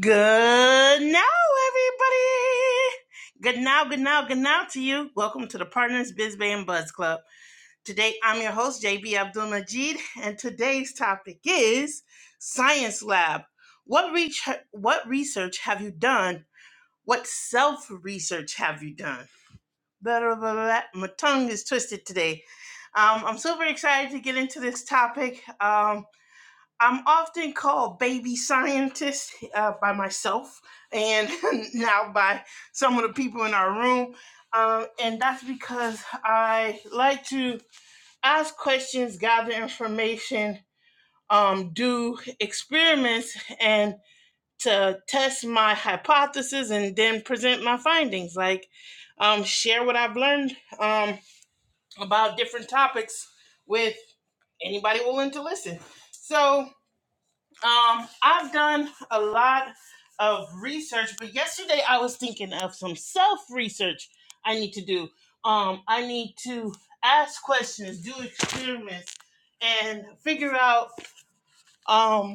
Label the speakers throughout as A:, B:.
A: Good now, everybody. Good now, good now, good now to you. Welcome to the Partners Biz Bay and Buzz Club. Today, I'm your host, JB Abdul Majid, and today's topic is Science Lab. What, re- what research have you done? What self research have you done? Blah, blah, blah, My tongue is twisted today. Um, I'm super excited to get into this topic. Um, I'm often called baby scientist uh, by myself and now by some of the people in our room. Um, and that's because I like to ask questions, gather information, um, do experiments, and to test my hypothesis and then present my findings. Like, um, share what I've learned um, about different topics with anybody willing to listen. So, um, I've done a lot of research, but yesterday I was thinking of some self research I need to do. Um, I need to ask questions, do experiments, and figure out um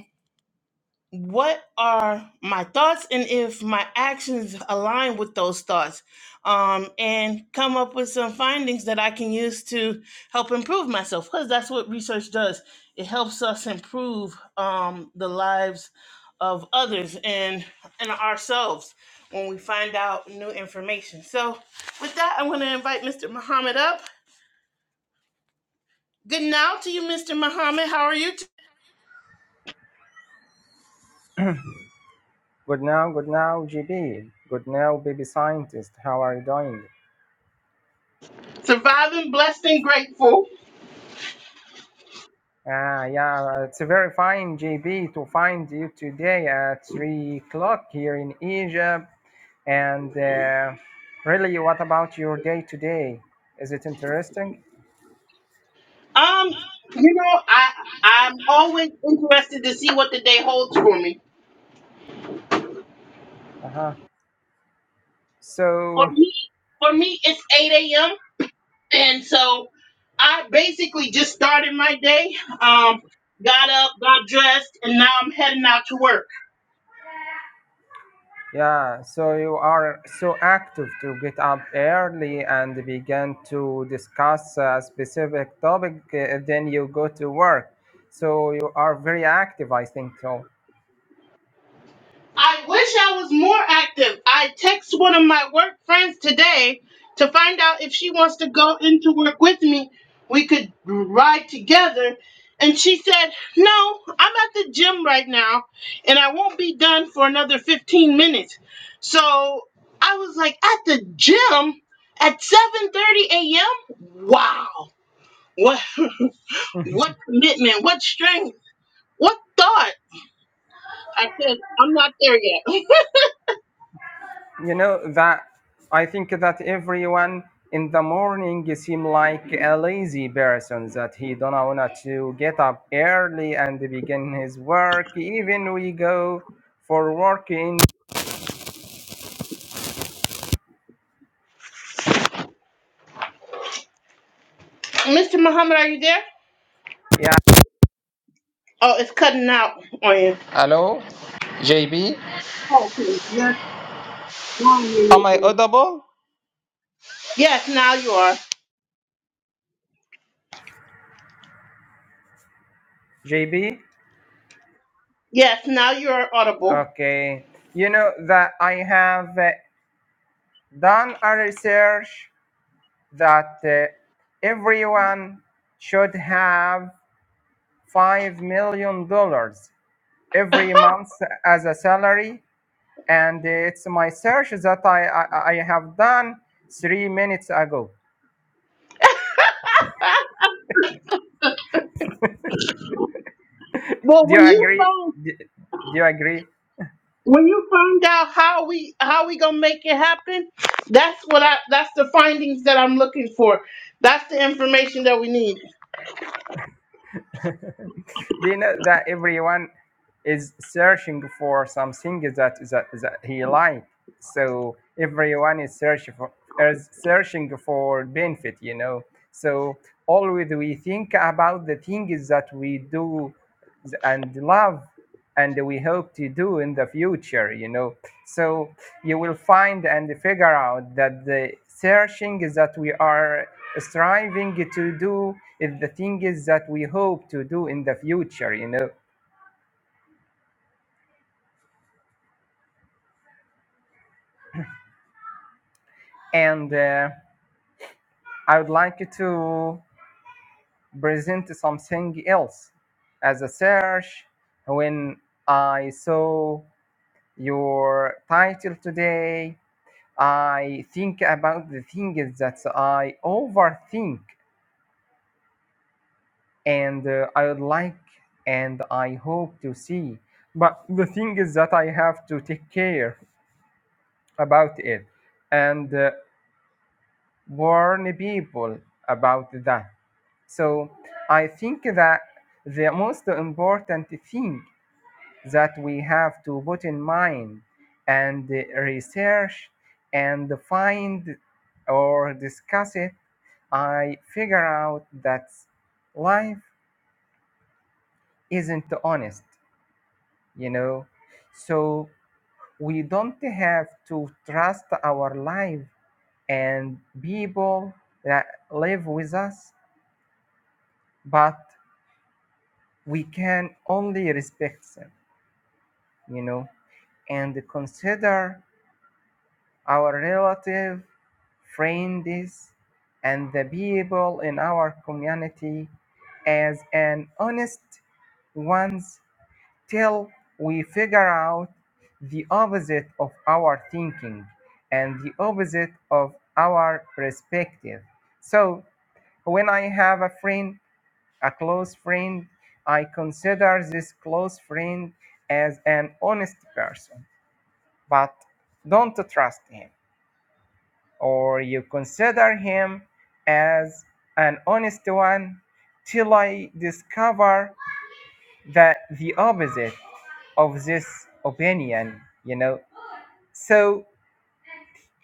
A: what are my thoughts and if my actions align with those thoughts um, and come up with some findings that i can use to help improve myself because that's what research does it helps us improve um, the lives of others and, and ourselves when we find out new information so with that i'm going to invite mr muhammad up good now to you mr muhammad how are you t-
B: Good now, good now, GB. Good now, baby scientist. How are you doing?
A: surviving blessed and grateful
B: Ah, yeah, it's very fine, GB, to find you today at 3 o'clock here in Egypt. And uh, really, what about your day today? Is it interesting?
A: Um, you know, I I'm always interested to see what the day holds for me.
B: Uh huh.
A: For
B: So,
A: me, for me, it's 8 a.m. and so I basically just started my day. Um, got up, got dressed, and now I'm heading out to work.
B: Yeah, so you are so active to get up early and begin to discuss a specific topic, uh, then you go to work. So you are very active, I think so.
A: I wish I was more active. I text one of my work friends today to find out if she wants to go into work with me. We could ride together. And she said, No, I'm at the gym right now and I won't be done for another 15 minutes. So I was like, At the gym at 7:30 a.m.? Wow. What
B: Mhm.
A: what commitment, what strength, what thought. I said, I'm not there yet.
B: You know that I think that everyone in the morning you seem like a lazy person that he don't want to get up early and begin his work. Even we go for working.
A: Mr. Muhammad, are you there?
B: Yeah.
A: Oh, it's cutting out on you.
B: Hello, JB.
A: Yes.
B: Am I audible?
A: Yes, now you are.
B: JB?
A: Yes, now you are audible.
B: Okay. You know that I have uh, done a research that uh, everyone should have $5 million dollars every month as a salary. And it's my search that I, I, I have done three minutes ago.
A: Well,
B: Do
A: when
B: you
A: you
B: agree?
A: found
B: Do do you agree?
A: when you find out how we how we gonna make it happen, that's what I that's the findings that I'm looking for. That's the information that we need.
B: Do you know that everyone is searching for something that that, that he likes. So everyone is searching for is searching for benefit, you know. So always we think about the things that we do and love and we hope to do in the future, you know. So you will find and figure out that the searching that we are striving to do is the things that we hope to do in the future, you know. And uh, I would like to present something else as a search. When I saw your title today, I think about the things that I overthink, and uh, I would like and I hope to see. But the thing is that I have to take care about it and uh, warn people about that. So I think that the most important thing that we have to put in mind and uh, research and find or discuss it, I figure out that life isn't honest, you know. So we don't have to trust our life and people that live with us, but we can only respect them, you know, and consider our relative, friends, and the people in our community as an honest ones till we figure out the opposite of our thinking and the opposite of our perspective. So when I have a friend A close friend. I consider this close friend as an honest person, but don't trust him. Or you consider him as an honest one till I discover that the opposite of this opinion, you know. So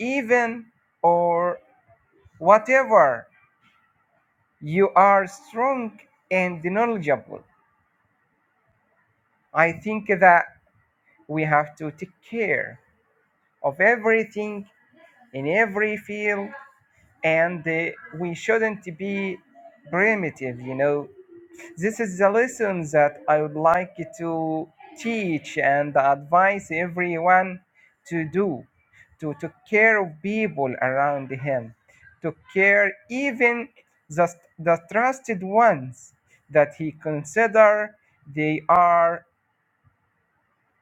B: even or whatever you are strong and knowledgeable, I think that we have to take care of everything in every field and uh, we shouldn't be primitive you know this is the lesson that i would like to teach and advise everyone to do to take care of people around him to care even the, the trusted ones that he consider they are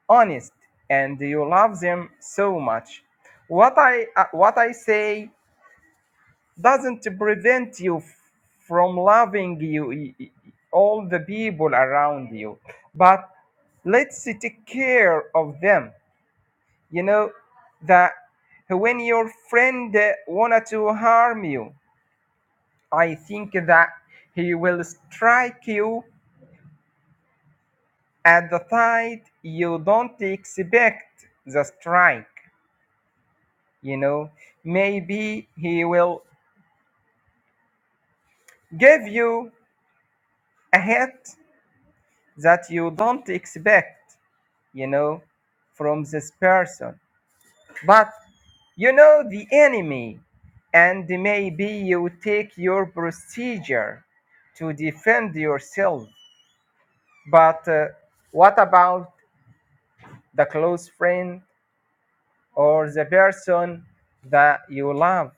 B: honest and you love them so much what i uh, what i say doesn't prevent you f- from loving you all the people around you but let's take care of them you know that when your friend uh, wanted to harm you i think that he will strike you at the time you don't expect the strike you know maybe he will give you a hit that you don't expect you know from this person but you know the enemy and maybe you take your procedure to defend yourself but uh, what about the close friend or the person that you love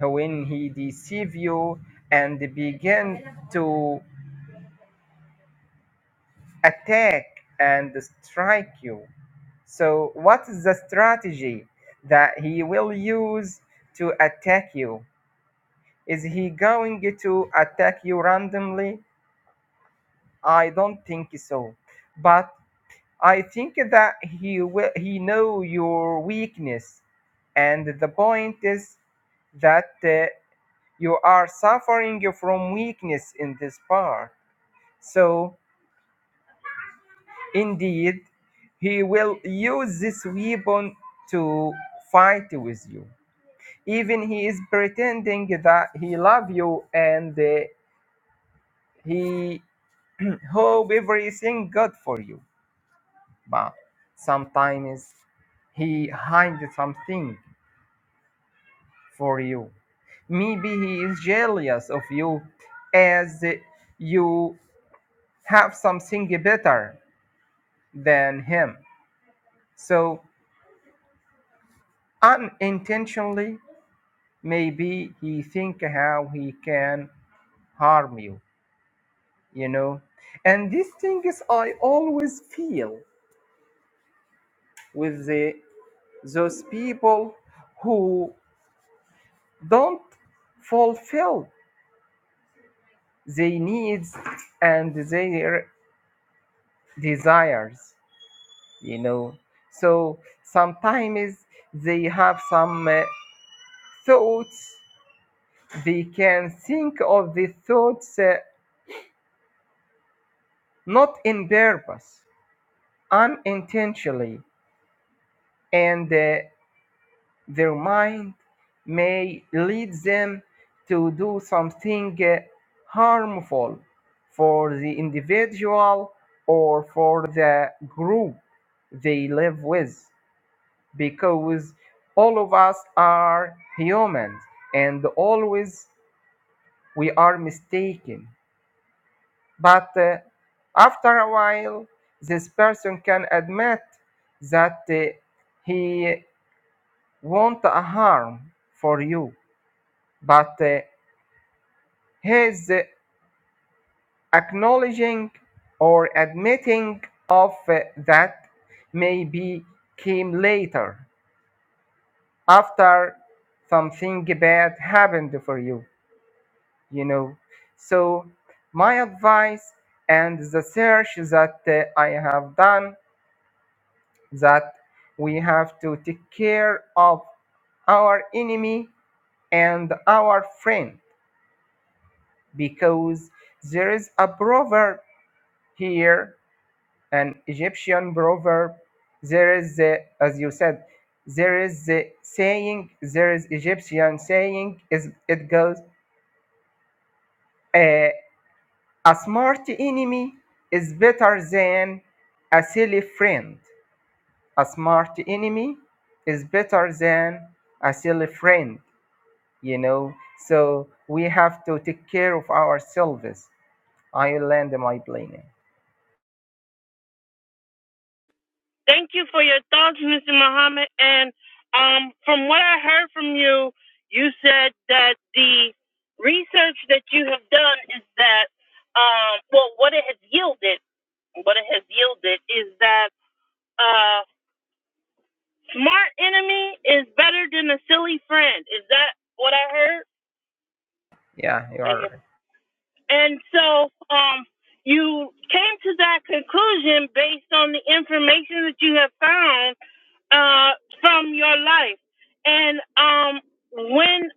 B: when he deceive you and begin to attack and strike you. So, what is the strategy that he will use to attack you? Is he going to attack you randomly? I don't think so. But I think that he will, he know your weakness, and the point is that uh, you are suffering from weakness in this part. So Indeed, he will use this weapon to fight with you. Even he is pretending that he love you and uh, he hope everything good for you. But sometimes he hides something for you. Maybe he is jealous of you as you have something better than him. So unintentionally maybe he think how he can harm you you know and these things i always feel with the those people who don't fulfill their needs and their desires you know so sometimes they have some uh, thoughts they can think of the thoughts uh, not in purpose unintentionally and uh, their mind may lead them to do something uh, harmful for the individual or for the group they live with because all of us are humans and always we are mistaken but uh, after a while this person can admit that uh, he want a harm for you, but uh, his acknowledging or admitting of uh, that maybe came later after something bad happened for you, you know. So, my advice and the search that uh, I have done that we have to take care of our enemy and our friend because there is a proverb here, an Egyptian proverb. There is the, as you said, there is the saying, there is Egyptian saying, is it goes, uh, a smart enemy is better than a silly friend. A smart enemy is better than a silly friend, you know. So we have to take care of ourselves. I land my plane.
A: Thank you for your thoughts, Mr. Muhammad. And um, from what I heard from you, you said that the reason that um, well, what it has yielded, what it has yielded is that uh, smart enemy is better than a silly friend. Is that what I heard?
B: Yeah, you are
A: Mhm.
B: right.
A: And so, um, you came to that conclusion based on the information that you have found uh, from your life. And um, when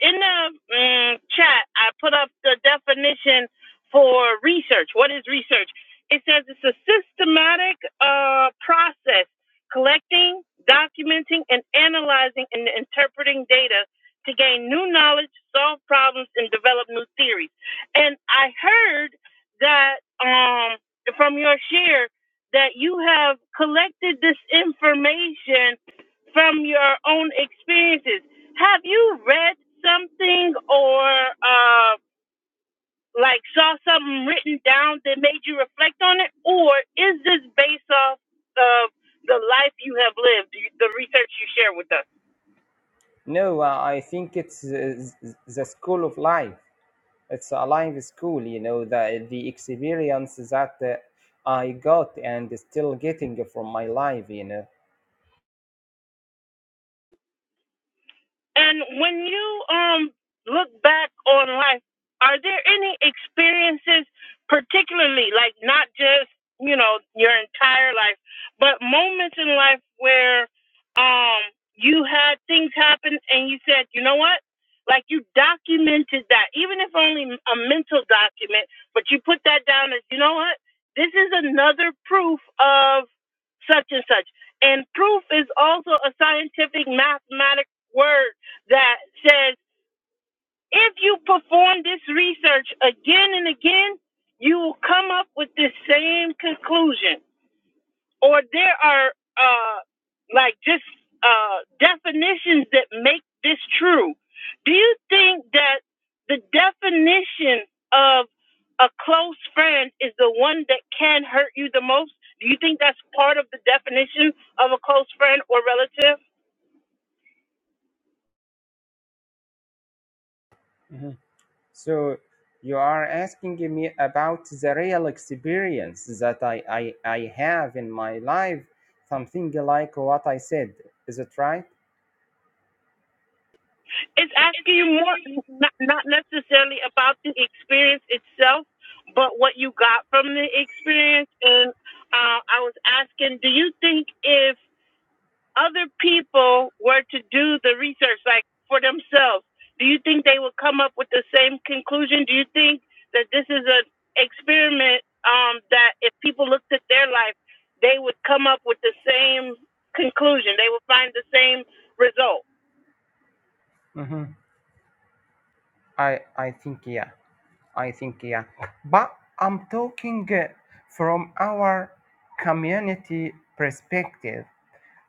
A: in the mm, chat, I put up the definition for research. What is research? It says it's a systematic uh, process collecting, documenting, and analyzing and interpreting data to gain new knowledge, solve problems, and develop new theories. And I heard that um, from your share that you have collected this information from your own experiences. Have you read something or uh, like saw something written down that made you reflect on it, or is this based off of the life you have lived, the research you share with us?
B: No, uh, I think it's uh, th- the school of life. It's a life school, you know, the the experience that uh, I got and still getting from my life, you know.
A: And when you um look back on life, are there any experiences particularly like not just, you know, your entire life, but moments in life where um you had things happen and you said, "You know what?" Like you documented that, even if only a mental document, but you put that down as, "You know what? This is another proof of such and such. And proof is also a scientific mathematic word that says if you perform this research again and again, you will come up with the same conclusion or there are uh, like just uh, definitions that make this true. Do you think that the definition of a close friend is the one that can hurt you the most? Do you think that's part of the definition of a close friend or relative?
B: Mhm. So you are asking me about the real experience that I, I, I have in my life, something like what I said. Is it right?
A: It's asking you more, not, not necessarily about the experience itself, but what you got from the experience. And uh, I was asking, do you think if other people were to do the research like for themselves do you think they would come up with the same conclusion do you think that this is an experiment um, that if people looked at their life they would come up with the same conclusion they would find the same result
B: Mhm. I, I think, yeah. I think, yeah. But I'm talking uh, from our community perspective.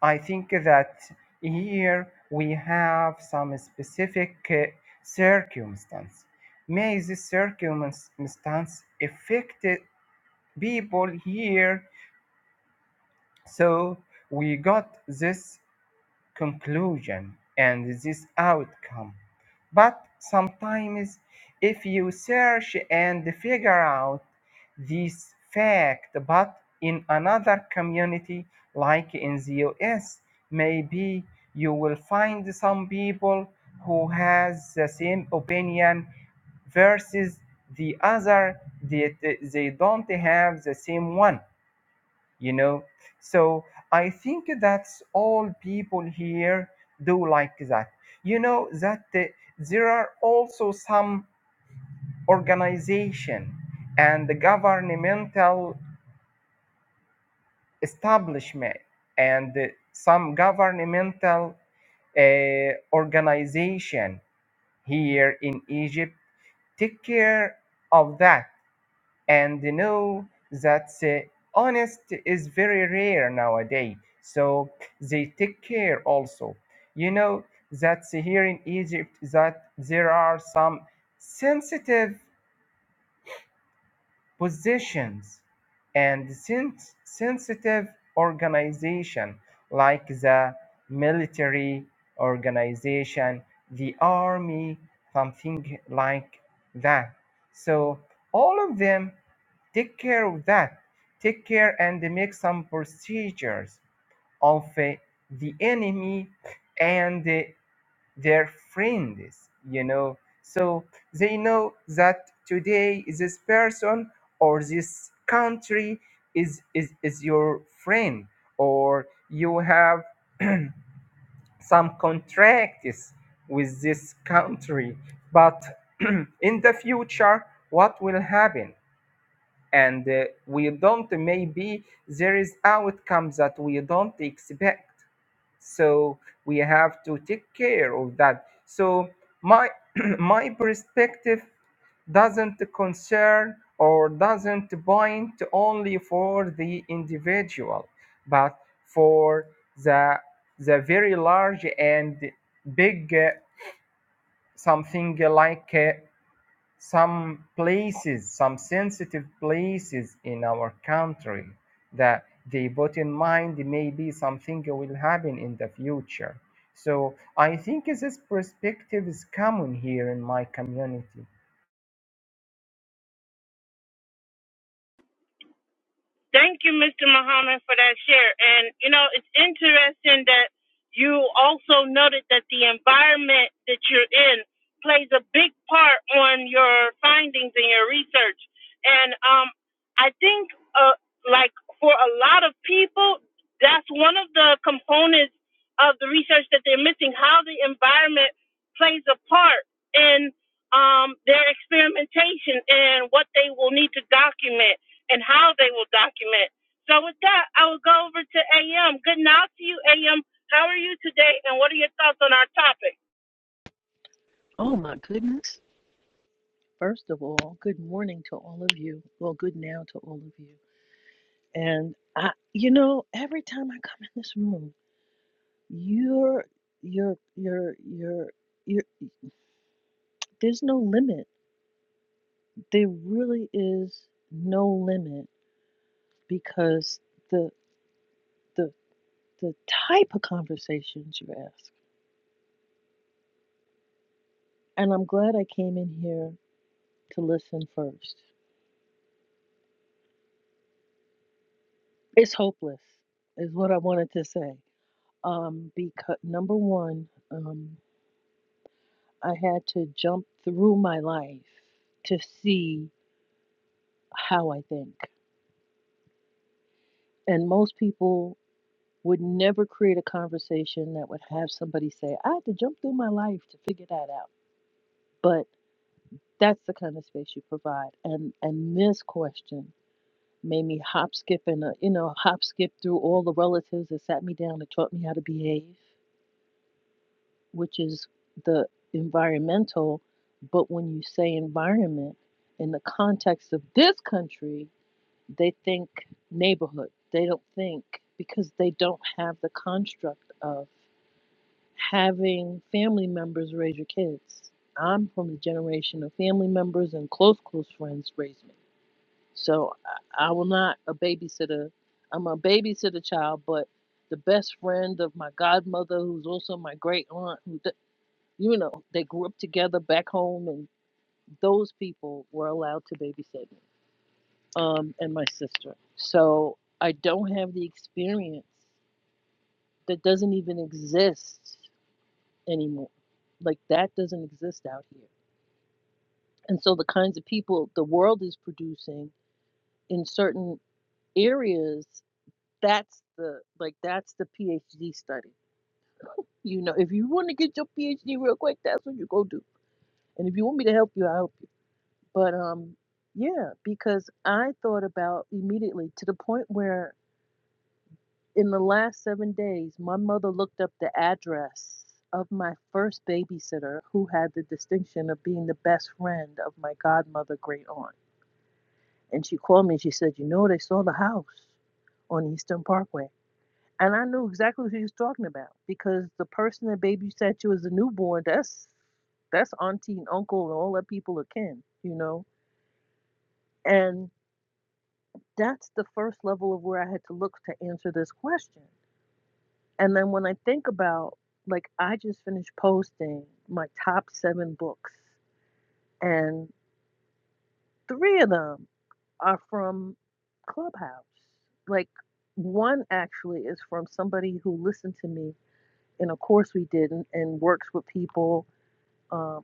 B: I think that here we have some specific uh, circumstance. May this circumstance affect people here. So we got this conclusion and this outcome. But sometimes, if you search and figure out this fact, but in another community, like in the US, maybe you will find some people who has the same opinion versus the other that they don't have the same one you know so i think that's all people here do like that you know that uh, there are also some organization and the governmental establishment and uh, some governmental uh, organization here in egypt take care of that and they know that uh, honest is very rare nowadays so they take care also you know that here in egypt that there are some sensitive positions and sen- sensitive organization like the military organization, the army, something like that. So all of them take care of that. Take care and make some procedures of uh, the enemy and uh, their friends, you know. So they know that today this person or this country is, is, is your friend, or you have some contracts with this country. But in the future, what will happen? And uh, we don't, maybe there is outcomes that we don't expect so we have to take care of that so my my perspective doesn't concern or doesn't bind only for the individual but for the the very large and big uh, something like uh, some places, some sensitive places in our country that they put in mind maybe something will happen in the future. So I think this perspective is common here in my community.
A: Thank you, Mr. Muhammad, for that share. And, you know, it's interesting that you also noted that the environment that you're in plays a big part on your findings and your research. And um, I think, uh, like, for a lot of people, that's one of the components of the research that they're missing how the environment plays a part in um, their experimentation and what they will need to document and how they will document. So with that, I will go over to AM. Good night to you, AM. How are you today, and what are your thoughts on our topic?
C: Oh my goodness. First of all, good morning to all of you. Well, good now to all of you. And I you know, every time I come in this room, you're you're you're you're you're there's no limit. There really is no limit because the the the type of conversations you ask. And I'm glad I came in here to listen first. It's hopeless is what I wanted to say. Um because number 1, um I had to jump through my life to see how I think. And most people would never create a conversation that would have somebody say, I had to jump through my life to figure that out. But that's the kind of space you provide. And and this question made me hop skip and uh, you know hop skip through all the relatives that sat me down and taught me how to behave, which is the environmental. But when you say environment in the context of this country, They think neighborhood. They don't think because they don't have the construct of having family members raise your kids. I'm from the generation of family members and close, close friends raised me. So I, I will not a babysitter. I'm a babysitter child, but the best friend of my godmother, who's also my great aunt, who, d- you know, they grew up together back home, and those people were allowed to babysit me um, and my sister. So I don't have the experience that doesn't even exist anymore. Like that doesn't exist out here. And so the kinds of people the world is producing in certain areas, that's the like that's the PhD study. You know, if you want to get your PhD real quick, that's what you go do. And if you want me to help you, I'll help you. But um yeah, because I thought about immediately to the point where In the last seven days, my mother looked up the address of my first babysitter, who had the distinction of being the best friend of my godmother great aunt. And she called me and she said, You know, they saw the house on Eastern Parkway. And I knew exactly who she was talking about because the person that babysat you as a newborn, that's that's auntie and uncle and all that people are kin, you know? And that's the first level of where I had to look to answer this question. And then when I think about, like, I just finished posting my top seven books, and three of them are from Clubhouse. Like, one actually is from somebody who listened to me in a course we did and, and works with people um,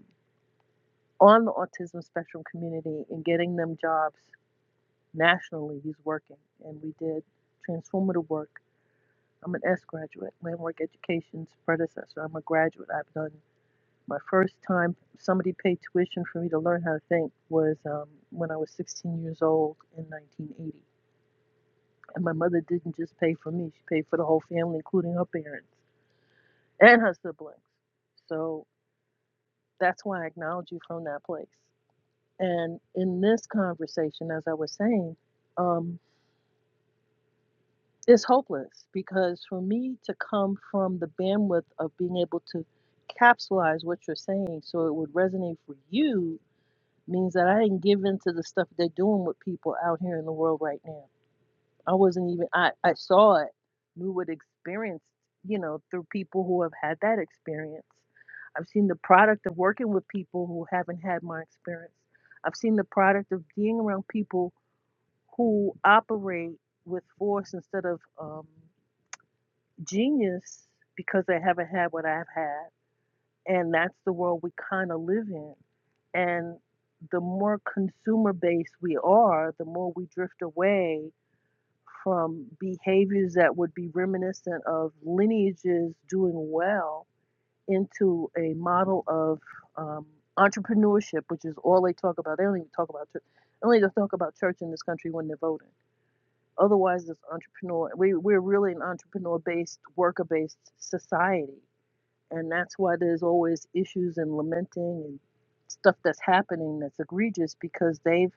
C: on the autism spectrum community and getting them jobs nationally. He's working, and we did transformative work. I'm an S graduate, Landmark education's predecessor. I'm a graduate. I've done My first time somebody paid tuition for me to learn how to think was um, when I was 16 years old in 1980. And my mother didn't just pay for me, she paid for the whole family, including her parents and her siblings. So that's why I acknowledge you from that place. And in this conversation, as I was saying, um, it's hopeless because for me to come from the bandwidth of being able to capsulize what you're saying so it would resonate for you means that I didn't give in to the stuff they're doing with people out here in the world right now. I wasn't even I, I saw it, knew what experience, you know, through people who have had that experience. I've seen the product of working with people who haven't had my experience. I've seen the product of being around people who operate with force instead of um, genius because they haven't had what I've had and that's the world we kind of live in and the more consumer based we are the more we drift away from behaviors that would be reminiscent of lineages doing well into a model of um, entrepreneurship which is all they talk about they don't even talk about church Only they talk about church in this country when they're voting otherwise it's entrepreneur we, we're really an entrepreneur based worker based society and that's why there's always issues and lamenting and stuff that's happening that's egregious because they've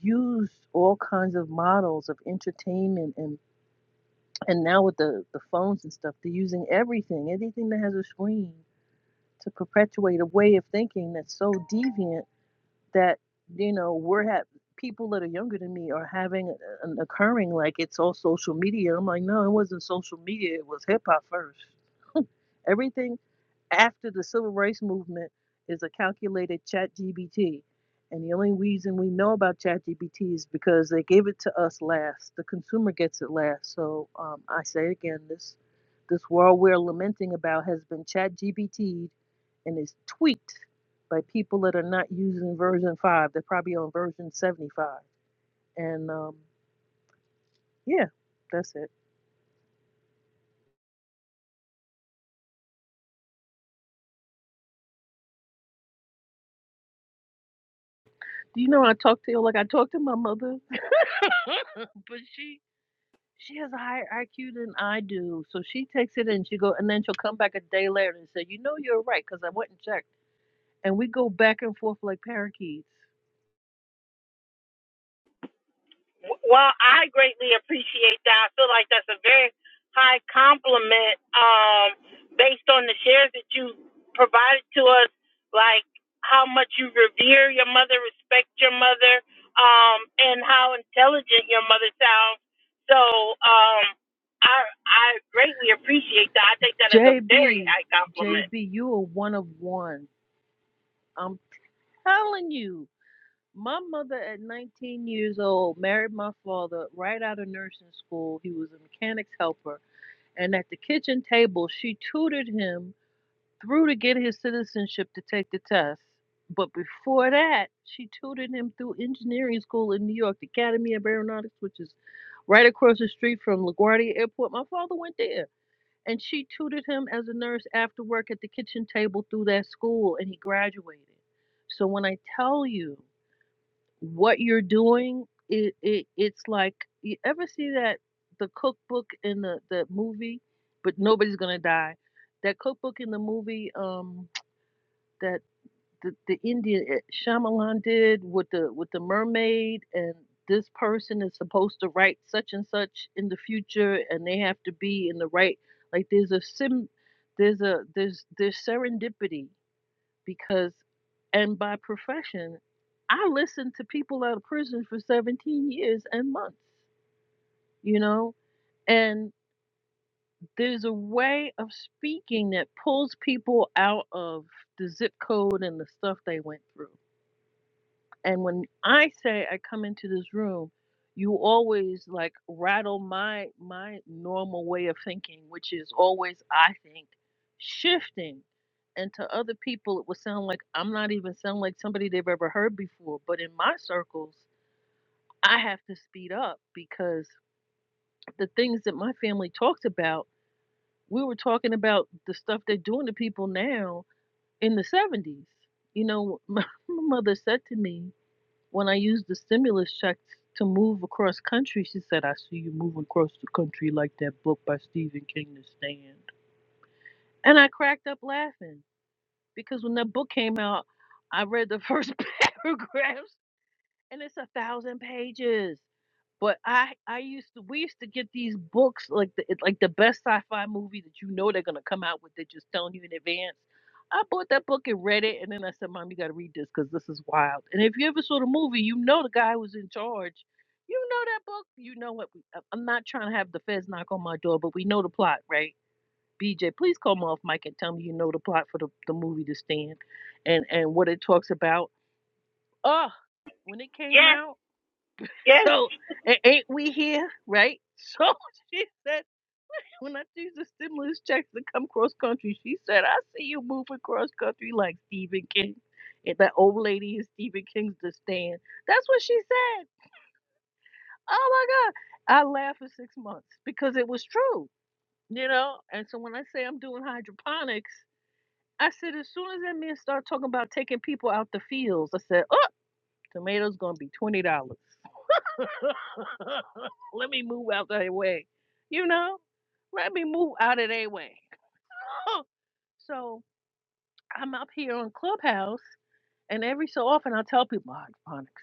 C: used all kinds of models of entertainment and and now with the the phones and stuff they're using everything anything that has a screen to perpetuate a way of thinking that's so deviant that you know we're ha- people that are younger than me are having an occurring like it's all social media i'm like no it wasn't social media it was hip-hop first everything after the civil rights movement is a calculated chat gbt and the only reason we know about chat gbt is because they gave it to us last the consumer gets it last so um, i say again this this world we're lamenting about has been chat gbt and is tweaked by people that are not using version 5 they're probably on version 75 and um, yeah that's it do you know i talk to you like i talk to my mother but she She has a higher IQ than I do. So she takes it and she go and then she'll come back a day later and say, You know you're right, because I went and checked. And we go back and forth like parakeets.
A: Well, I greatly appreciate that. I feel like that's a very high compliment um, based on the shares that you provided to us, like how much you revere your mother, respect your mother, um, and how intelligent your mother sounds. So um, I, I greatly appreciate that. I think that is a very
C: JB,
A: high compliment.
C: JB, you are one of one. I'm telling you. My mother at 19 years old married my father right out of nursing school. He was a mechanic's helper. And at the kitchen table, she tutored him through to get his citizenship to take the test. But before that, she tutored him through engineering school in New York, the Academy of Aeronautics, which is right across the street from LaGuardia Airport. My father went there. And she tutored him as a nurse after work at the kitchen table through that school, and he graduated. So when I tell you what you're doing, it, it it's like you ever see that the cookbook in the, the movie, but nobody's gonna die. That cookbook in the movie, um, that the, the Indian eh, Shyamalan did with the with the mermaid and this person is supposed to write such and such in the future and they have to be in the right like there's a sim there's a there's there's serendipity because and by profession I listened to people out of prison for 17 years and months you know and there's a way of speaking that pulls people out of the zip code and the stuff they went through And when I say I come into this room, you always like rattle my my normal way of thinking, which is always I think shifting. And to other people, it would sound like I'm not even sound like somebody they've ever heard before. But in my circles, I have to speed up because the things that my family talked about, we were talking about the stuff they're doing to people now in the 70s. You know, my mother said to me, when I used the stimulus checks to move across country, she said, I see you moving across the country like that book by Stephen King, The Stand. And I cracked up laughing because when that book came out, I read the first paragraphs and it's a thousand pages. But I I used to we used to get these books like the it- like the best sci-fi movie that you know they're gonna come out with. They're just telling you in advance. I bought that book and read it, and then I said, "Mom, you gotta read this because this is wild." And if you ever saw the movie, you know the guy who was in charge. You know that book. You know what? We, I- I'm not trying to have the feds knock on my door, but we know the plot, right? BJ, please call me off mic and tell me you know the plot for the, the movie to stand, and and what it talks about. Ugh, when it came
A: Yes,
C: out.
A: yes.
C: So a- ain't we here, right? So she said, when I see the stimulus checks that come cross country, she said, I see you moving cross country like Stephen King. And that old lady in Stephen King's The Stand. That's what she said. Oh my God. I laughed for six months because it was true, you know? And so when I say I'm doing hydroponics, I said, as soon as that man started talking about taking people out the fields, I said, oh, tomatoes going to be $20. Let me move out their way. You know? Let me move out of their way. so I'm up here on Clubhouse and every so often I tell people hydroponics.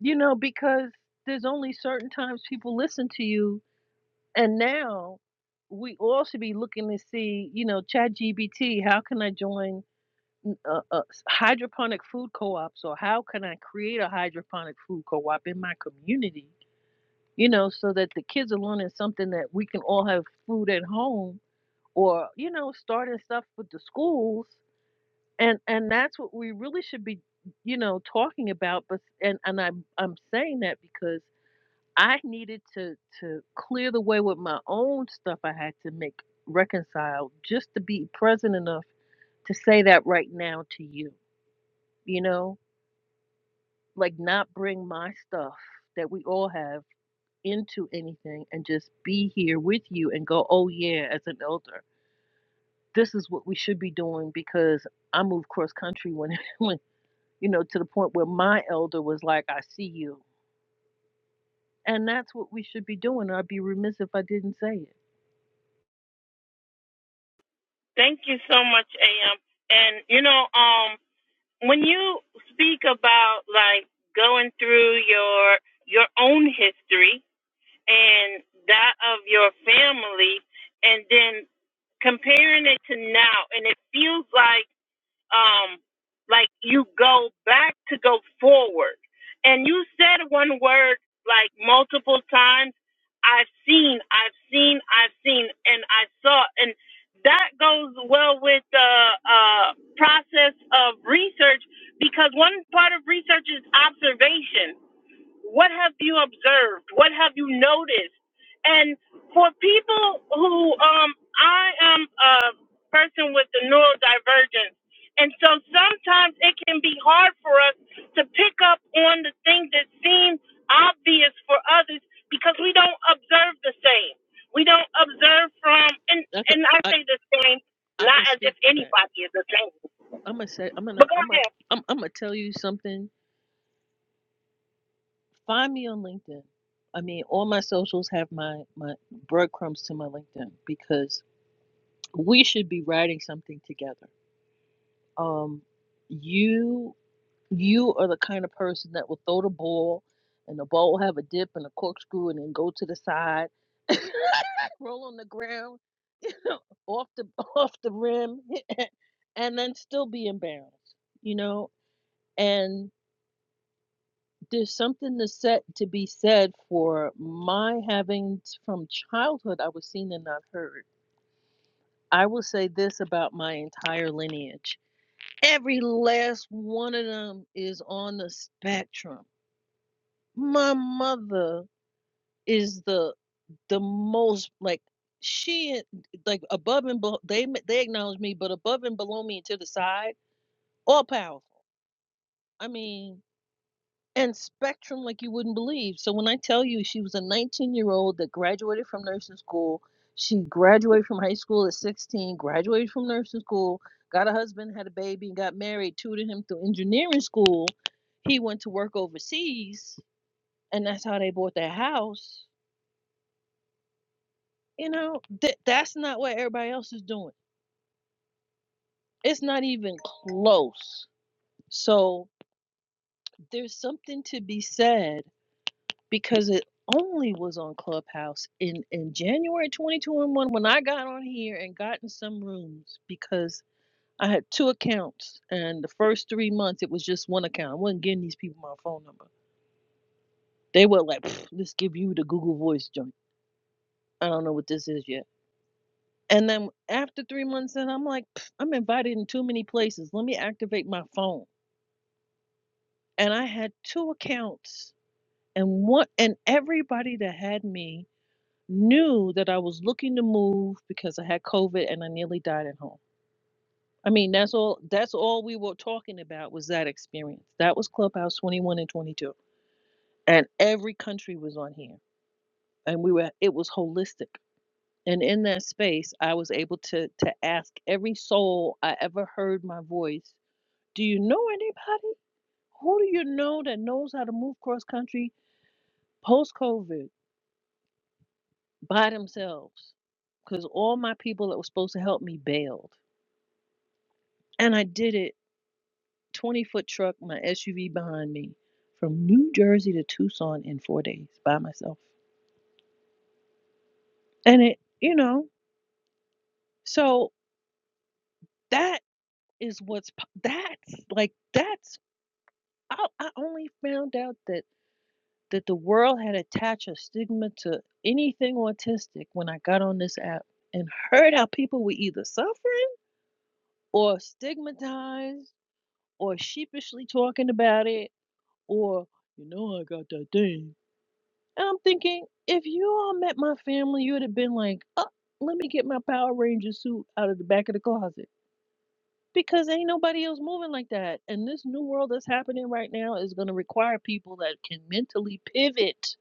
C: You know, because there's only certain times people listen to you and now we all should be looking to see, you know, Chat GBT, how can I join a uh, hydroponic food co op So how can I create a hydroponic food co op in my community you know, so that the kids are learning something that we can all have food at home or, you know, starting stuff with the schools. And and that's what we really should be, you know, talking about. But and, and I'm I'm saying that because I needed to to clear the way with my own stuff I had to make reconcile just to be present enough to say that right now to you. You know? Like not bring my stuff that we all have into anything and just be here with you and go, oh yeah, as an elder, this is what we should be doing because I moved cross country when when you know to the point where my elder was like, I see you, and that's what we should be doing. I'd be remiss if I didn't say it.
A: Thank you so much, AM. And you know, um, when you speak about like going through your your own history and that of your family and then comparing it to now and it feels like um like you go back to go forward and you said one word like multiple times i've seen i've seen i've seen and i saw and that goes well with the uh, process of research because one part of research is observation what have you observed? What have you noticed? And for people who, um, I am a person with the neurodivergence. And so sometimes it can be hard for us to pick up on the things that seem obvious for others because we don't observe the same. We don't observe from, and,
C: I can
A: and I
C: I
A: say the same,
C: I
A: not
C: can
A: as if
C: speak to that.
A: anybody is the same.
C: I'm gonna say I'm
A: But
C: gonna
A: go
C: I'm gonna
A: ahead.
C: I'm, I'm gonna tell you something. Find me on LinkedIn. I mean, all my socials have my my breadcrumbs to my LinkedIn because we should be writing something together um, you you are the kind of person that will throw the ball, and the ball will have a dip and a corkscrew, and then go to the side, roll on the ground, off the off the rim, and then still be embarrassed, you know. And there's something to set to be said for my having t- from childhood I was seen and not heard. I will say this about my entire lineage. Every last one of them is on the spectrum. My mother is the the most like she like above and below. They they acknowledge me, but above and below me and to the side, all powerful. I mean, and spectrum like you wouldn't believe. So when I tell you she was a 19 year old that graduated from nursing school, she graduated from high school at 16, graduated from nursing school, got a husband, had a baby, and got married, tutored him through engineering school. He went to work overseas, and that's how they bought their house. You know, that that's not what everybody else is doing. It's not even close. So there's something to be said because it only was on Clubhouse in in January 2021 when I got on here and got in some rooms because I had two accounts and the first three months it was just one account. I wasn't getting these people my phone number. They were like, "Pfft, "Let's give you the Google Voice joint." I don't know what this is yet. And then after three months, in, I'm like, "Pfft, I'm invited in too many places. Let me activate my phone. And I had two accounts, and one and everybody that had me knew that I was looking to move because I had COVID and I nearly died at home. I mean, that's all that's all we were talking about was that experience. That was Clubhouse 21 and 22. And every country was on here. And we were it was holistic. And in that space, I was able to to ask every soul I ever heard my voice, do you know anybody? Who do you know that knows how to move cross country post COVID by themselves? Because all my people that were supposed to help me bailed And I did it 20 foot truck, my SUV behind me, from New Jersey to Tucson in four days by myself. And it, you know, so that is what's that's like that's I, I only found out that that the world had attached a stigma to anything autistic when I got on this app and heard how people were either suffering or stigmatized or sheepishly talking about it or you know I got that thing And I'm thinking, if you all met my family, you would have been like, oh, let me get my Power Ranger suit out of the back of the closet. Because ain't nobody else moving like that. And this new world that's happening right now is going to require people that can mentally pivot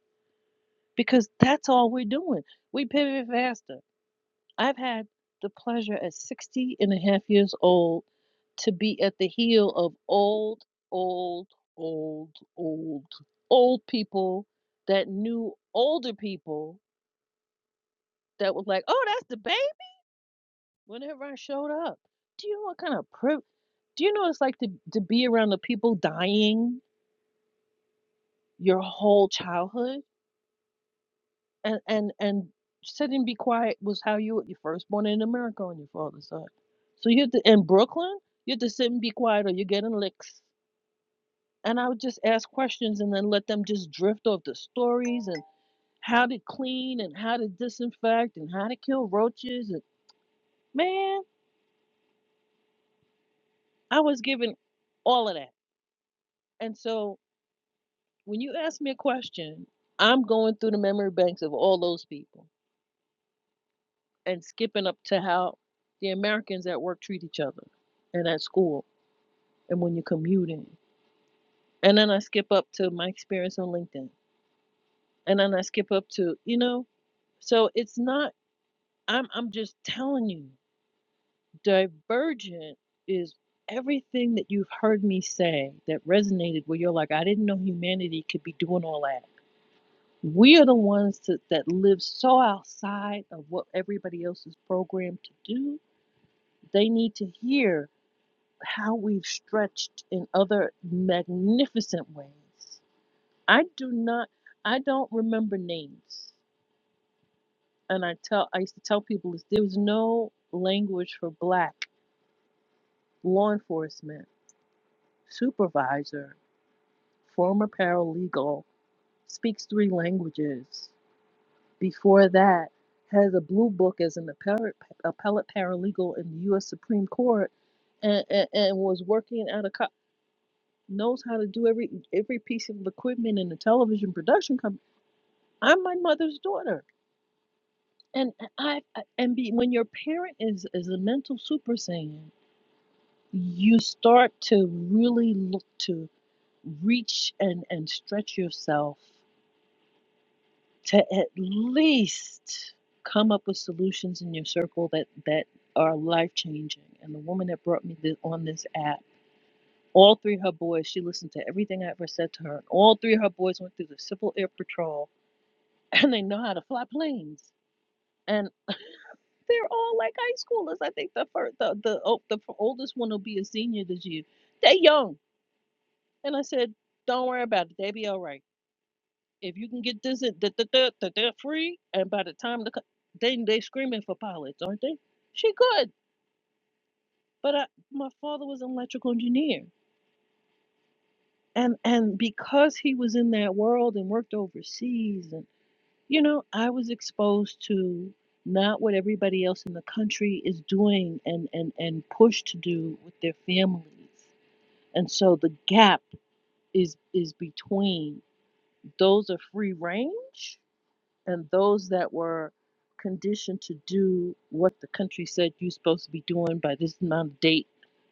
C: because that's all we're doing. We pivot faster. I've had the pleasure at 60 and a half years old to be at the heel of old, old, old, old, old people that knew older people that was like, "Oh, that's the babe." Whenever I showed up, do you know what kind of priv- Do you know what it's like to to be around the people dying your whole childhood and and and sit and be quiet was how you you first born in America on your father's side. So you have to in Brooklyn, you have to sit and be quiet or you're getting licks. And I would just ask questions and then let them just drift off the stories and how to clean and how to disinfect and how to kill roaches and man, I was given all of that And so when you ask me a question, I'm going through the memory banks of all those people and skipping up to how the Americans at work treat each other and at school and when you're commuting. And then I skip up to my experience on LinkedIn. And then I skip up to, you know, so it's not I'm I'm just telling you, divergent is everything that you've heard me say that resonated where you're like, I didn't know humanity could be doing all that. We are the ones to, that live so outside of what everybody else is programmed to do. They need to hear how we've stretched in other magnificent ways. I do not, I don't remember names, and I tell, I used to tell people this, there was no language for black law enforcement supervisor, former paralegal, speaks three languages. before that, has a blue book as an appellate, appellate paralegal in the U.S. Supreme Court, and, and, and was working at a co- knows how to do every every piece of equipment in the television production company. I'm my mother's daughter, and I I- and be, when your parent is is a mental super saiyan, you start to really look to reach and and stretch yourself to at least come up with solutions in your circle that that are life changing. And the woman that brought me this, on this app, all three of her boys, she listened to everything I ever said to her. And all three of her boys went through the Civil Air Patrol, and they know how to fly planes. And they're all like high schoolers. I think the first, the the, oh, the oldest one will be a senior this year. They're young. And I said, don't worry about it. They be all right. If you can get this in, da, da, da, da, da, free, and by the time the co- they they screaming for pilots, aren't they? She good, but I, my father was an electrical engineer, and and because he was in that world and worked overseas, and you know, I was exposed to not what everybody else in the country is doing and and and pushed to do with their families, and so the gap is is between those are free range and those that were conditioned to do what the country said you're supposed to be doing by this amount of date.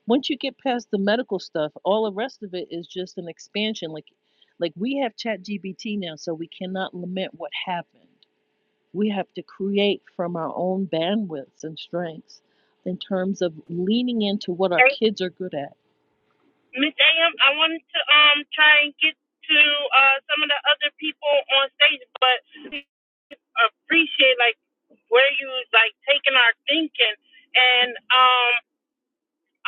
C: Once you get past the medical stuff, all the rest of it is just an expansion. Like, like we have Chat GBT now, so we cannot lament what happened. We have to create from our own bandwidths and strengths in terms of leaning into what our kids are good at.
A: Miss AM, I wanted to um try and get to uh some of the other people on stage, but appreciate like where you like taking our thinking. And um,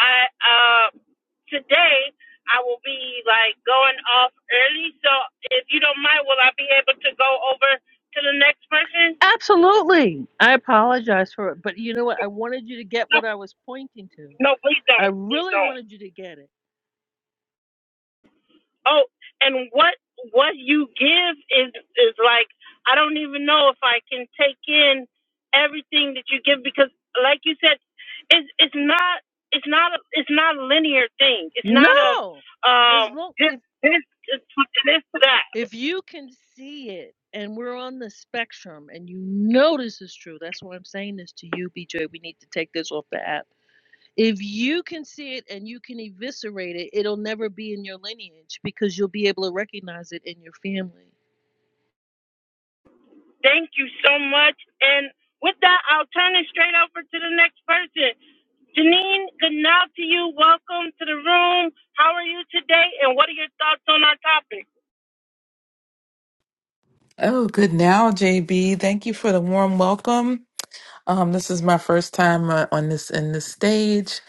A: I uh today I will be like going off early, so if you don't mind, will I be able to go over to the next person?
C: Absolutely. I apologize for it, but you know what? I wanted you to get what
A: No,
C: I was pointing to.
A: no, please
C: I
A: don't, please
C: really
A: don't.
C: wanted you to get it.
A: oh and what what you give is is like i don't even know if i can take in everything that you give because like you said it's it's not it's not a it's not a linear thing it's not a
C: No.
A: um
C: As long
A: this
C: if
A: this this to that
C: if you can see it and we're on the spectrum and you know this is true, that's why I'm saying this to you, BJ. We need to take this off the app. If you can see it and you can eviscerate it, it'll never be in your lineage because you'll be able to recognize it in your family.
A: thank you so much and with that i'll turn it straight over to the next person janine good night to you welcome to the room how are you today and what are your thoughts on
D: Oh, good now, JB. Thank you for the warm welcome. Um, this is my first time uh, on this in this stage.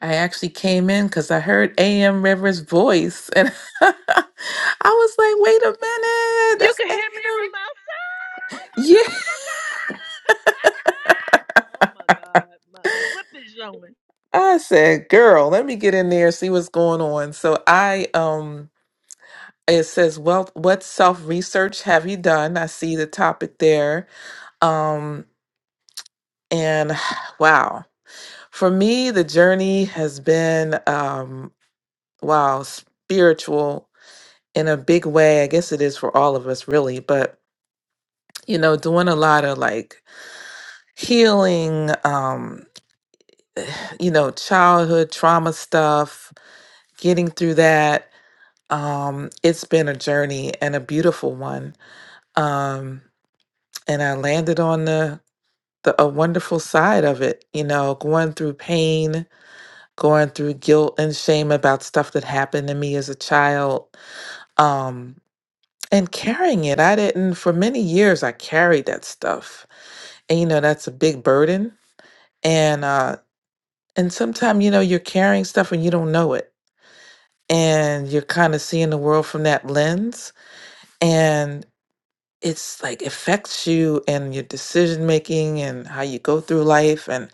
D: I actually came in because I heard AM Rivers' voice, and I was like, "Wait a minute,
C: You
D: that's
C: can hear me from outside. Oh
D: AM." Yeah,
C: my god, I forgot. oh my god, my flip is showing.
D: I said, "Girl, let me get in there see what's going on." So I um. It says, well, what self research have you done? I see the topic there. Um, and wow, For me, the journey has been, um, wow, spiritual in a big way. I guess it is for all of us, really. But, you know, doing a lot of like healing, um, you know, childhood trauma stuff, getting through that. Um, it's been a journey and a beautiful one. Um, and I landed on the, the a wonderful side of it, you know, going through pain, going through guilt and shame about stuff that happened to me as a child um and carrying it i didn't for many years i carried that stuff and you know that's a big burden and uh and sometimes you know you're carrying stuff and you don't know it and you're kind of seeing the world from that lens and it's like affects you and your decision making and how you go through life and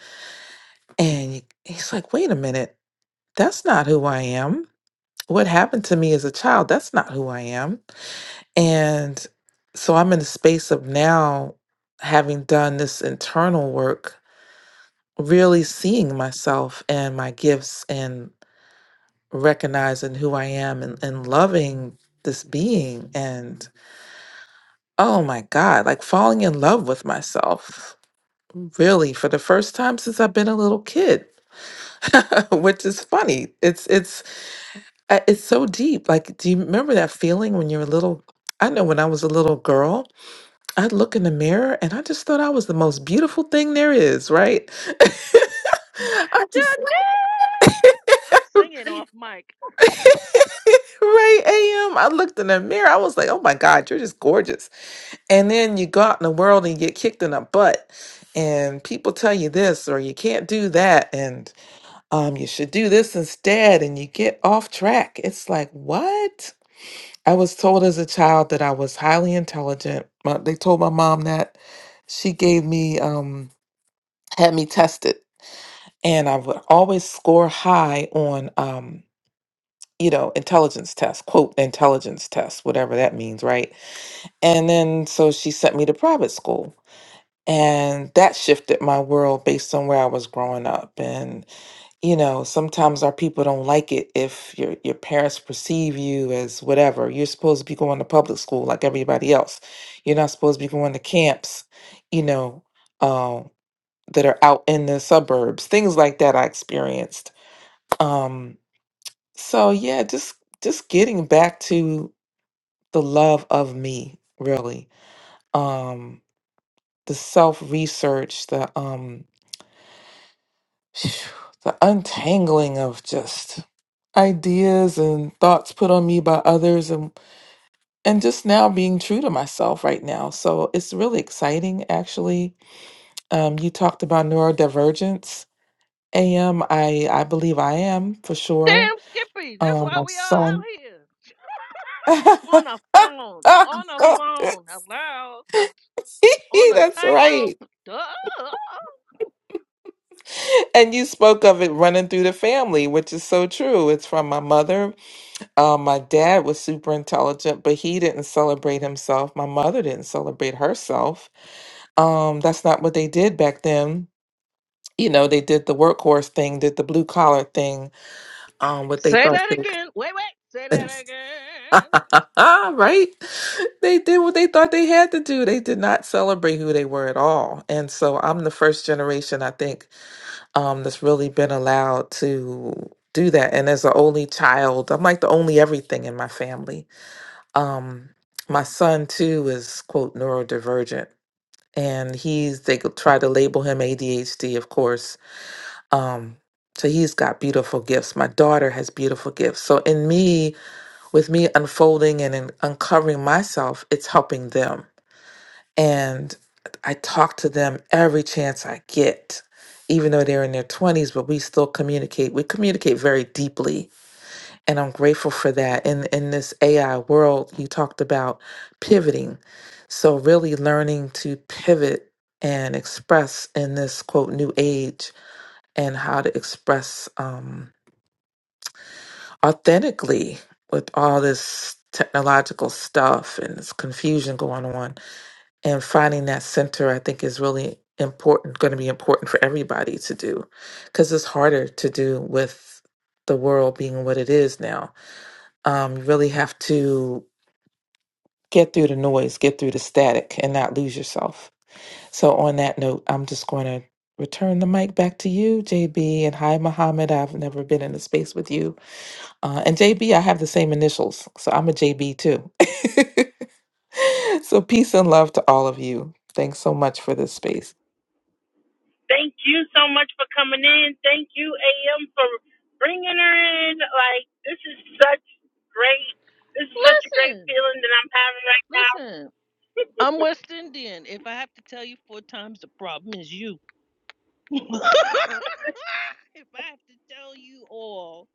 D: and you, it's like wait a minute that's not who i am what happened to me as a child that's not who i am And so I'm in the space of now, having done this internal work, really seeing myself and my gifts and recognizing who I am and, and loving this being. And oh my God, like falling in love with myself, really, for the first time since I've been a little kid. which is funny it's it's uh, it's so deep like do you remember that feeling when you were little i know when i was a little girl I'd look in the mirror and I just thought I was the most beautiful thing there is, right? I
C: Janine!
D: just
C: I'm singing off mic.
D: right AM. I looked in the mirror. I was like, oh my God, you're just gorgeous. And then you go out in the world and you get kicked in the butt. And people tell you this or you can't do that and um you should do this instead and you get off track. It's like, what? I was told as a child that I was highly intelligent. My- They told my mom that. She gave me um had me tested and i would always score high on um you know intelligence tests quote intelligence tests whatever that means right and then so she sent me to private school and that shifted my world based on where i was growing up and you know sometimes our people don't like it if your your parents perceive you as whatever you're supposed to be going to public school like everybody else you're not supposed to be going to camps you know um, that are out in the suburbs things like that i experienced um so yeah just just getting back to the love of me really um the self research the um the untangling of just ideas and thoughts put on me by others and and just now being true to myself right now so it's really exciting actually um you talked about neurodivergence am i i believe i am for sure
C: Damn Skippies. That's
D: Um,
C: why
D: my
C: we all
D: son.
C: out here. on
D: That's
C: a phone. On a phone. Hello. On a tightrope.
D: right.
C: Duh.
D: And you spoke of it running through the family, which is so true. It's from my mother. Uh, my dad was super intelligent, but he didn't celebrate himself. My mother didn't celebrate herself. Um, that's not what they did back then. You know, they did the workhorse thing, did the blue collar thing, um, what they
C: Say
D: thought.
C: that again. Wait, wait. Say that
D: they-
C: again.
D: right? They did what they thought they had to do. They did not celebrate who they were at all. And so I'm the first generation, I think, um, that's really been allowed to do that. And as the only child, I'm like the only everything in my family. Um, my son, too, is, quote, neurodivergent. And he's, they could try to label him ADHD, of course. Um, so he's got beautiful gifts. My daughter has beautiful gifts. So in me, with me unfolding and in uncovering myself, it's helping them and I talk to them every chance I get, even though they're in their 20s, but we still communicate. We communicate very deeply, and I'm grateful for that. And in this AI world, you talked about pivoting. So, really learning to pivot and express in this quote new age and how to express um, authentically with all this technological stuff and this confusion going on and finding that center i think is really important going to be important for everybody to do because it's harder to do with the world being what it is now um, you really have to get through the noise get through the static and not lose yourself so on that note i'm just going to return the mic back to you jb and hi mohammed i've never been in a space with you uh, and jb i have the same initials so i'm a jb too So, peace and love to all of you. Thanks so much for this space.
A: Thank you so much for coming in. Thank you, AM, for bringing her in. Like, this is such great. This is such a great
C: Listen.
A: feeling that I'm having right now.
C: Listen. I'm West Indian. If I have to tell you four times, the problem is you. if I have to tell you all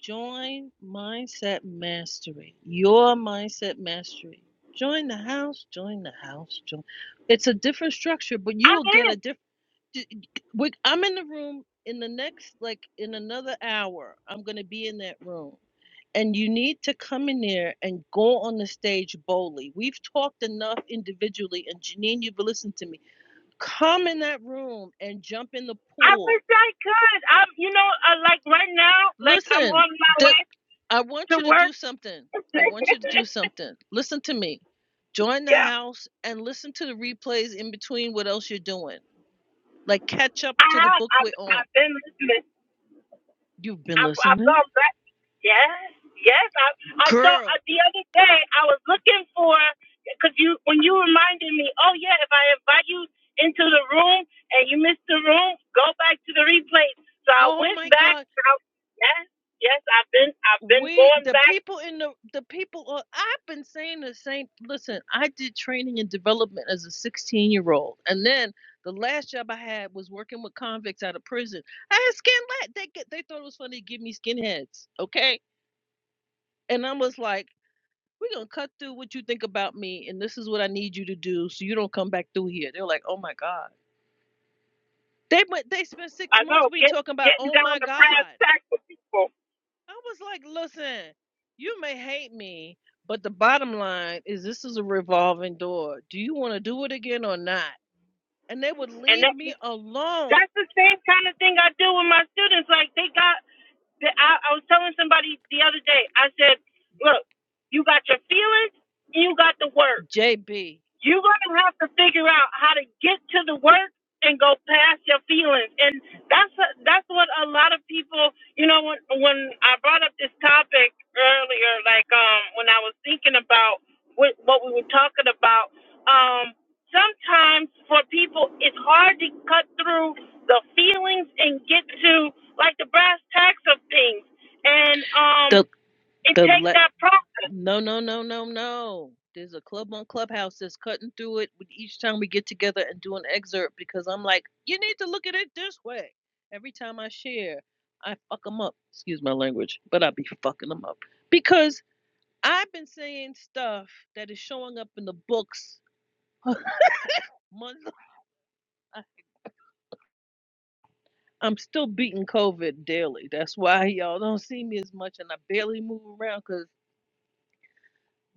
C: Join Mindset Mastery, your Mindset Mastery. Join the house, join the house, join. It's a different structure, but you
A: I'm
C: will get
A: in.
C: a different. I'm in the room in the next, like in another hour, I'm going to be in that room. And you need to come in there and go on the stage boldly. We've talked enough individually, and Janine, you've listened to me. Come in that room and jump in the
A: I
C: pool.
A: wish I could. I'm, you know, uh, like right now, like I'm
C: Listen,
A: on my way
C: I
A: to
C: want you to
A: work.
C: do something. I want you to do something. Listen to me. Join the
A: yeah,
C: house and listen to the replays in between what else you're doing. Like catch up
A: I
C: to the
A: have.
C: book
A: I've,
C: we're on.
A: I've been listening.
C: You've been
A: I've, I've
C: listening?
A: gone back. Yes, yes. I, I saw uh,
C: Girl.
A: the other day. I was looking for because you when you reminded me. Oh yeah, if I invite you into the room and you miss the room, go back to the replay. So I
C: Oh
A: went
C: my
A: back.
C: God.
A: I, yes, yes. I've been I've been
C: We
A: going
C: the
A: back.
C: people in the the people are, I've been saying the same listen, I did training and development as a 16 year old. And then the last job I had was working with convicts out of prison. I had skin they get they thought it was funny to give me skinheads, okay? And I was like We're gonna cut through what you think about me, and this is what I need you to do so you don't come back through here. They're like, oh my God. They went they spent six
A: I
C: months
A: know
C: we
A: get
C: talking about,
A: getting
C: oh
A: down
C: my
A: to brass
C: God.
A: tacks with people,
C: I was like, listen, you may hate me, but the bottom line is this is a revolving door. Do you wanna do it again or not? And they would
A: and
C: leave me
A: that.
C: alone.
A: That's the same kind of thing I do with my students. Like they got, the, I, I was telling somebody the other day. I said, "Look, you got your feelings, and you got the work
C: JB.
A: you're going to have to figure out how to get to the work and go past your feelings and that's that's what a lot of people you know when when i brought up this topic earlier like um when i was thinking about what what we were talking about um sometimes for people it's hard to cut through the feelings and get to like the brass tacks of things and um
C: The
A: it
C: the
A: takes
C: le-
A: that process
C: No, no, no, no, no. There's a club on Clubhouse that's cutting through it with each time we get together and do an excerpt because I'm like, you need to look at it this way. Every time I share, I fuck them up. Excuse my language, but I be fucking them up because I've been saying stuff that is showing up in the books. months. I- I'm still beating COVID daily. That's why y'all don't see me as much, and I barely move around because.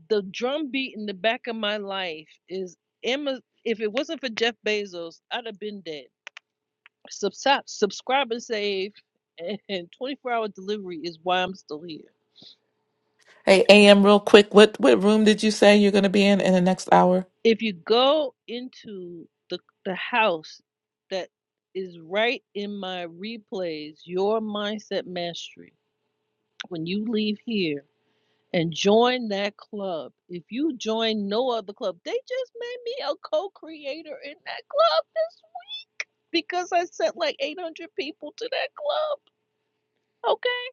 C: the drum beat in the back of my life is Emma. If it wasn't for Jeff Bezos, I'd have been dead. Subscribe, subscribe and save, and 24 hour delivery is why I'm still here.
D: Hey, AM, real quick, what what room did you say you're going to be in in the next hour?
C: If you go into the the house that is right in my replays, your mindset mastery. When you leave here and join that club, if you join no other club, they just made me a co-creator in that club this because I sent like 800 people to that club. Okay.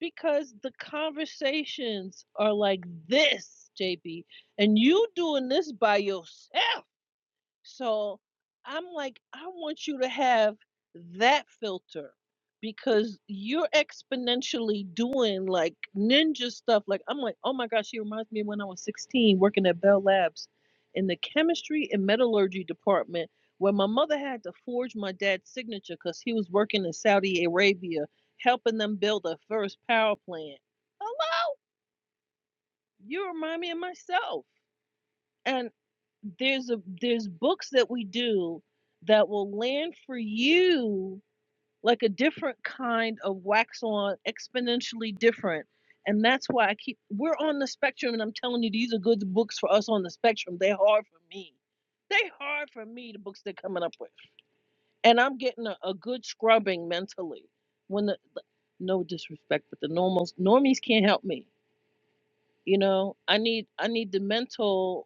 C: Because the conversations are like this, JB, and you doing this by yourself. So I'm like, I want you to have that filter because you're exponentially doing like ninja stuff. Like, I'm like, oh my gosh, she reminds me of when I was 16 working at Bell Labs in the chemistry and metallurgy department where my mother had to forge my dad's signature because he was working in Saudi Arabia helping them build their first power plant. Hello? You remind me of myself. and there's a there's books that we do that will land for you like a different kind of wax on exponentially different and that's why i keep we're on the spectrum and i'm telling you these are good books for us on the spectrum they're hard for me they hard for me the books they're coming up with and i'm getting a, a good scrubbing mentally when the the- no disrespect but the normals normies can't help me you know i need i need the mental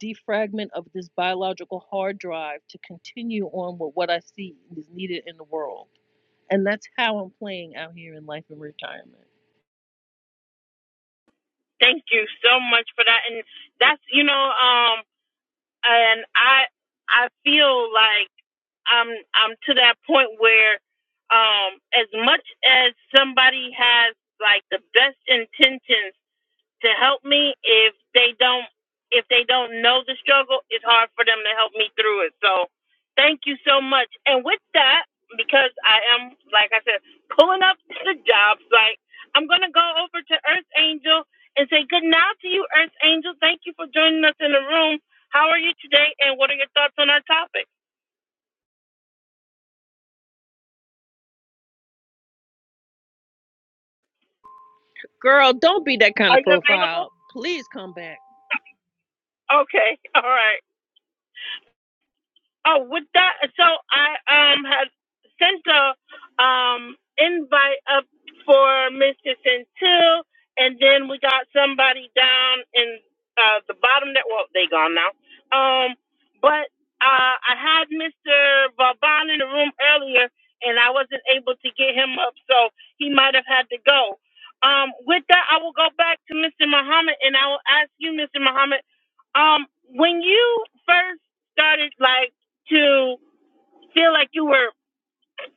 C: defragment of this biological hard drive to continue on with what I see is needed in the world. And that's how I'm playing out here in life and retirement.
A: thank you so much for that and that's you know um and I I feel like I'm I'm to that point where um as much as somebody has like the best intentions to help me if they don't if they don't know the struggle it's hard for them to help me through it so thank you so much and with that because i am like i said pulling up the job site i'm going to go over to earth angel and say good night to you earth angel thank you for joining us in the room how are you today and what are your thoughts on our topic
C: Girl, don't be that kind
A: are
C: of
A: you available
C: profile. Please come back.
A: okay all right Oh, with that, so I um have sent a um invite up for Mr. Centil, and then we got somebody down in uh the bottom that well they gone now. Um, but uh I had Mr. Vauban in the room earlier, and I wasn't able to get him up, so he might have had to go. Um, with that, I will go back to Mr. Muhammad, and I will ask you, Mr. Muhammad, um, when you first started like to feel like you were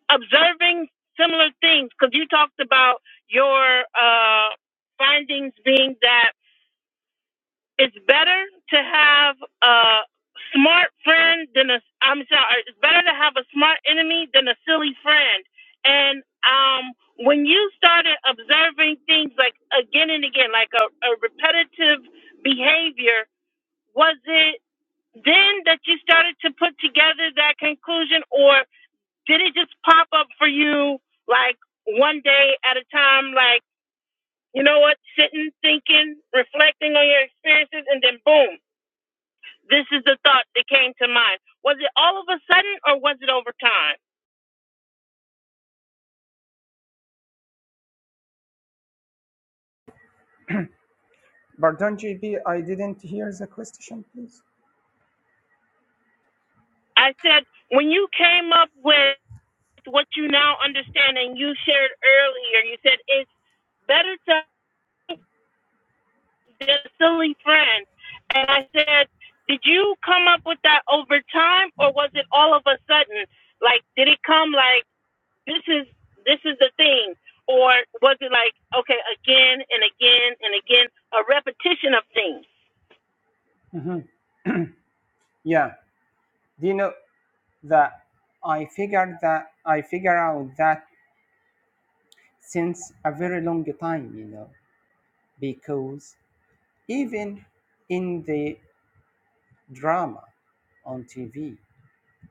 A: observing similar things because you talked about your uh, findings being that it's better to have a smart friend than a I'm sorry, it's better to have a smart enemy than a silly friend. And um, when you started observing things like again and again, like a, a repetitive behavior, was it then that you started to put together that conclusion, or did it just pop up for you like one day at a time like you know what sitting thinking reflecting on your experiences and then boom this is the thought that came to mind was it all of a sudden or was it over time
B: Pardon, JP, I didn't hear the question, please.
A: i said when you came up with what you now understand and you shared earlier you said it's better to than a silly friend and i said did you come up with that over time or was it all of a sudden like did it come like this is this is the thing or was it like okay again and again and again a repetition of things
B: Mhm. Yeah. Do you know that I figured that I figure out that since a very long time, you know, because even in the drama on TV.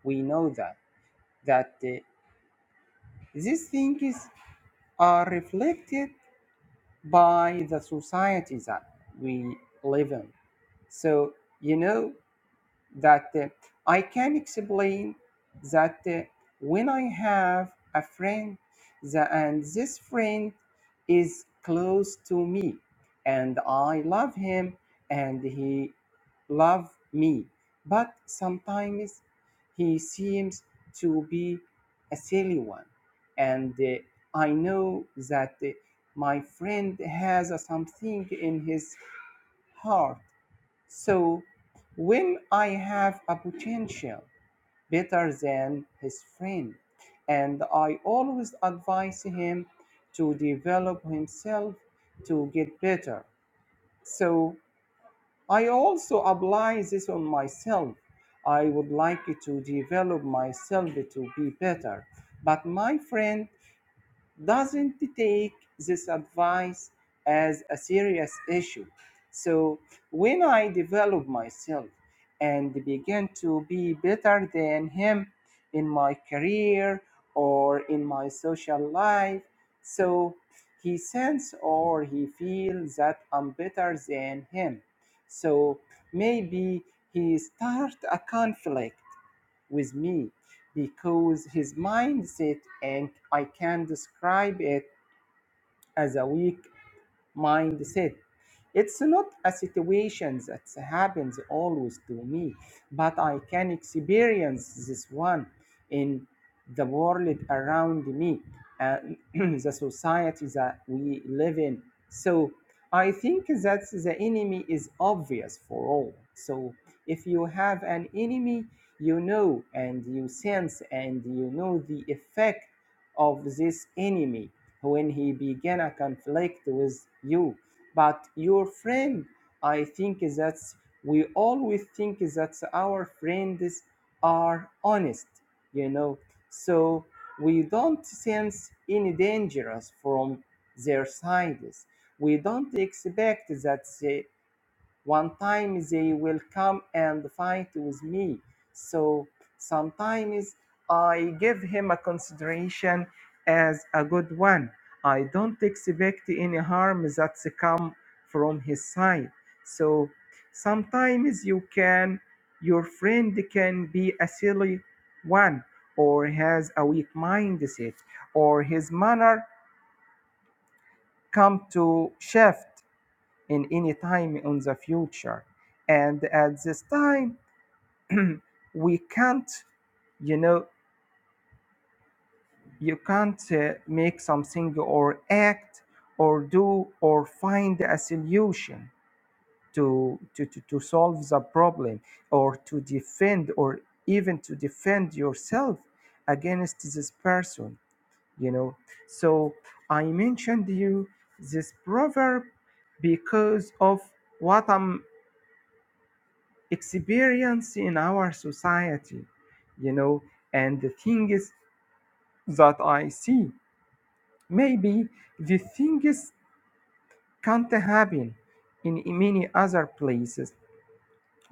B: We know that that uh, these things are reflected by the society that we live in. So you know that uh, I can explain that uh, when I have a friend the, and this friend is close to me and I love him and he love me but sometimes he seems to be a silly one and uh, I know that uh, my friend has uh, something in his heart so when I have a potential better than his friend, and I always advise him to develop himself to get better. So I also apply this on myself. I would like to develop myself to be better. But my friend doesn't take this advice as a serious issue. So when I develop myself and begin to be better than him in my career or in my social life, so he sense or he feels that I'm better than him. So maybe he start a conflict with me because his mindset, and I can describe it as a weak mindset. It's not a situation that happens always to me, but I can experience this one in the world around me, uh, the society that we live in. So I think that the enemy is obvious for all. So if you have an enemy, you know and you sense and you know the effect of this enemy when he began a conflict with you. But your friend, I think that we always think that our friends are honest, you know, so we don't sense any dangers from their sides. We don't expect that they one time they will come and fight with me. So sometimes I give him a consideration as a good one. I don't expect any harm that's come from his side. So sometimes you can, your friend can be a silly one or has a weak mindset or his manner come to shift in any time in the future and at this time we can't you know you can't uh, make something or act or do or find a solution to, to, to, to solve the problem or to defend or even to defend yourself against this person you know so i mentioned you this proverb because of what i'm experience in our society you know and the things that i see maybe the things can't happen in many other places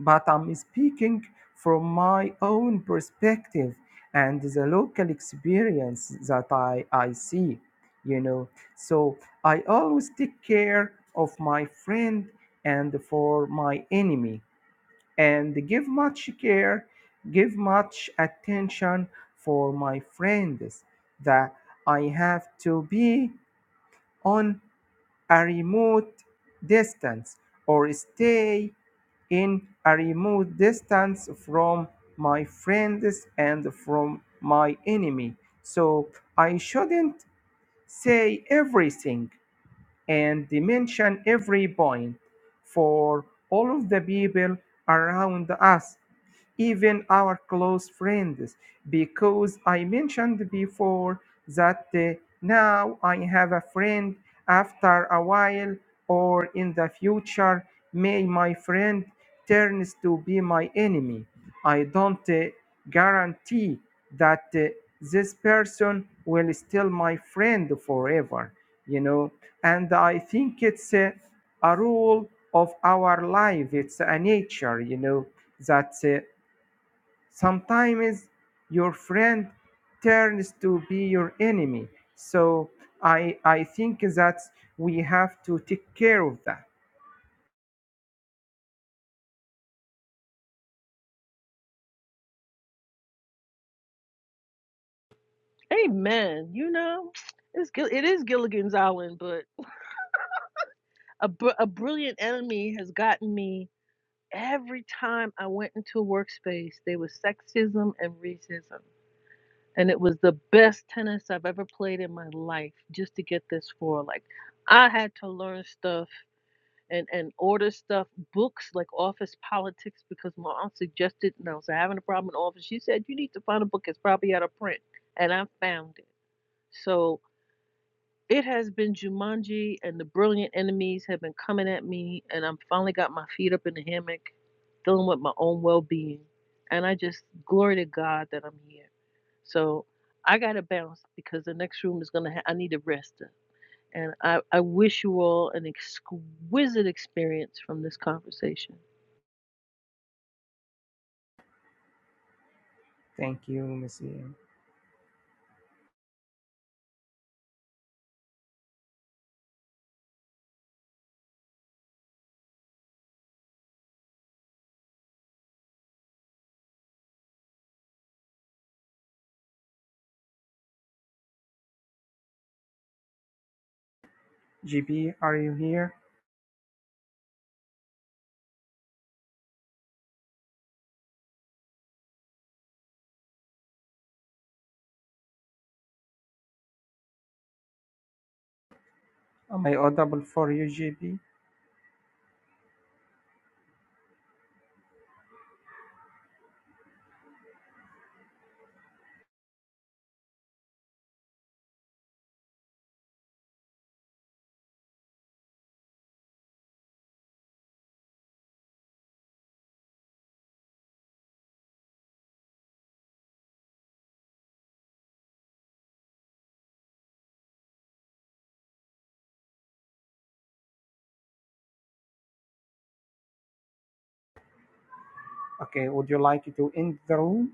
B: but i'm speaking from my own perspective and the local experience that i i see you know so i always take care of my friend and for my enemy and give much care, give much attention for my friends that I have to be on a remote distance or stay in a remote distance from my friends and from my enemy. So I shouldn't say everything and mention every point for all of the people around us, even our close friends, because I mentioned before that uh, now I have a friend after a while or in the future may my friend turns to be my enemy. I don't uh, guarantee that uh, this person will still my friend forever, you know. And I think it's uh, a rule of our life. It's a nature, you know, that uh, Sometimes your friend turns to be your enemy. So I I think that we have to take care of that.
C: Amen. You know, it's it is Gilligan's Island, but a, br- a brilliant enemy has gotten me every time I went into a workspace. There was sexism and racism. and it was the best tennis I've ever played in my life just to get this for like I had to learn stuff and and order stuff books like office politics because my aunt suggested and I was having a problem in office she said you need to find a book that's probably out of print and I found it so it has been Jumanji and the brilliant enemies have been coming at me and I'm finally got my feet up in the hammock dealing with my own well-being and I just glory to God that I'm here so I gotta bounce because the next room is gonna. Ha- I need a rest, and I I wish you all an exquisite experience from this conversation.
B: Thank you, Miss GB. Are you here? Am I audible for you, GB? Okay. Would you like to end the room?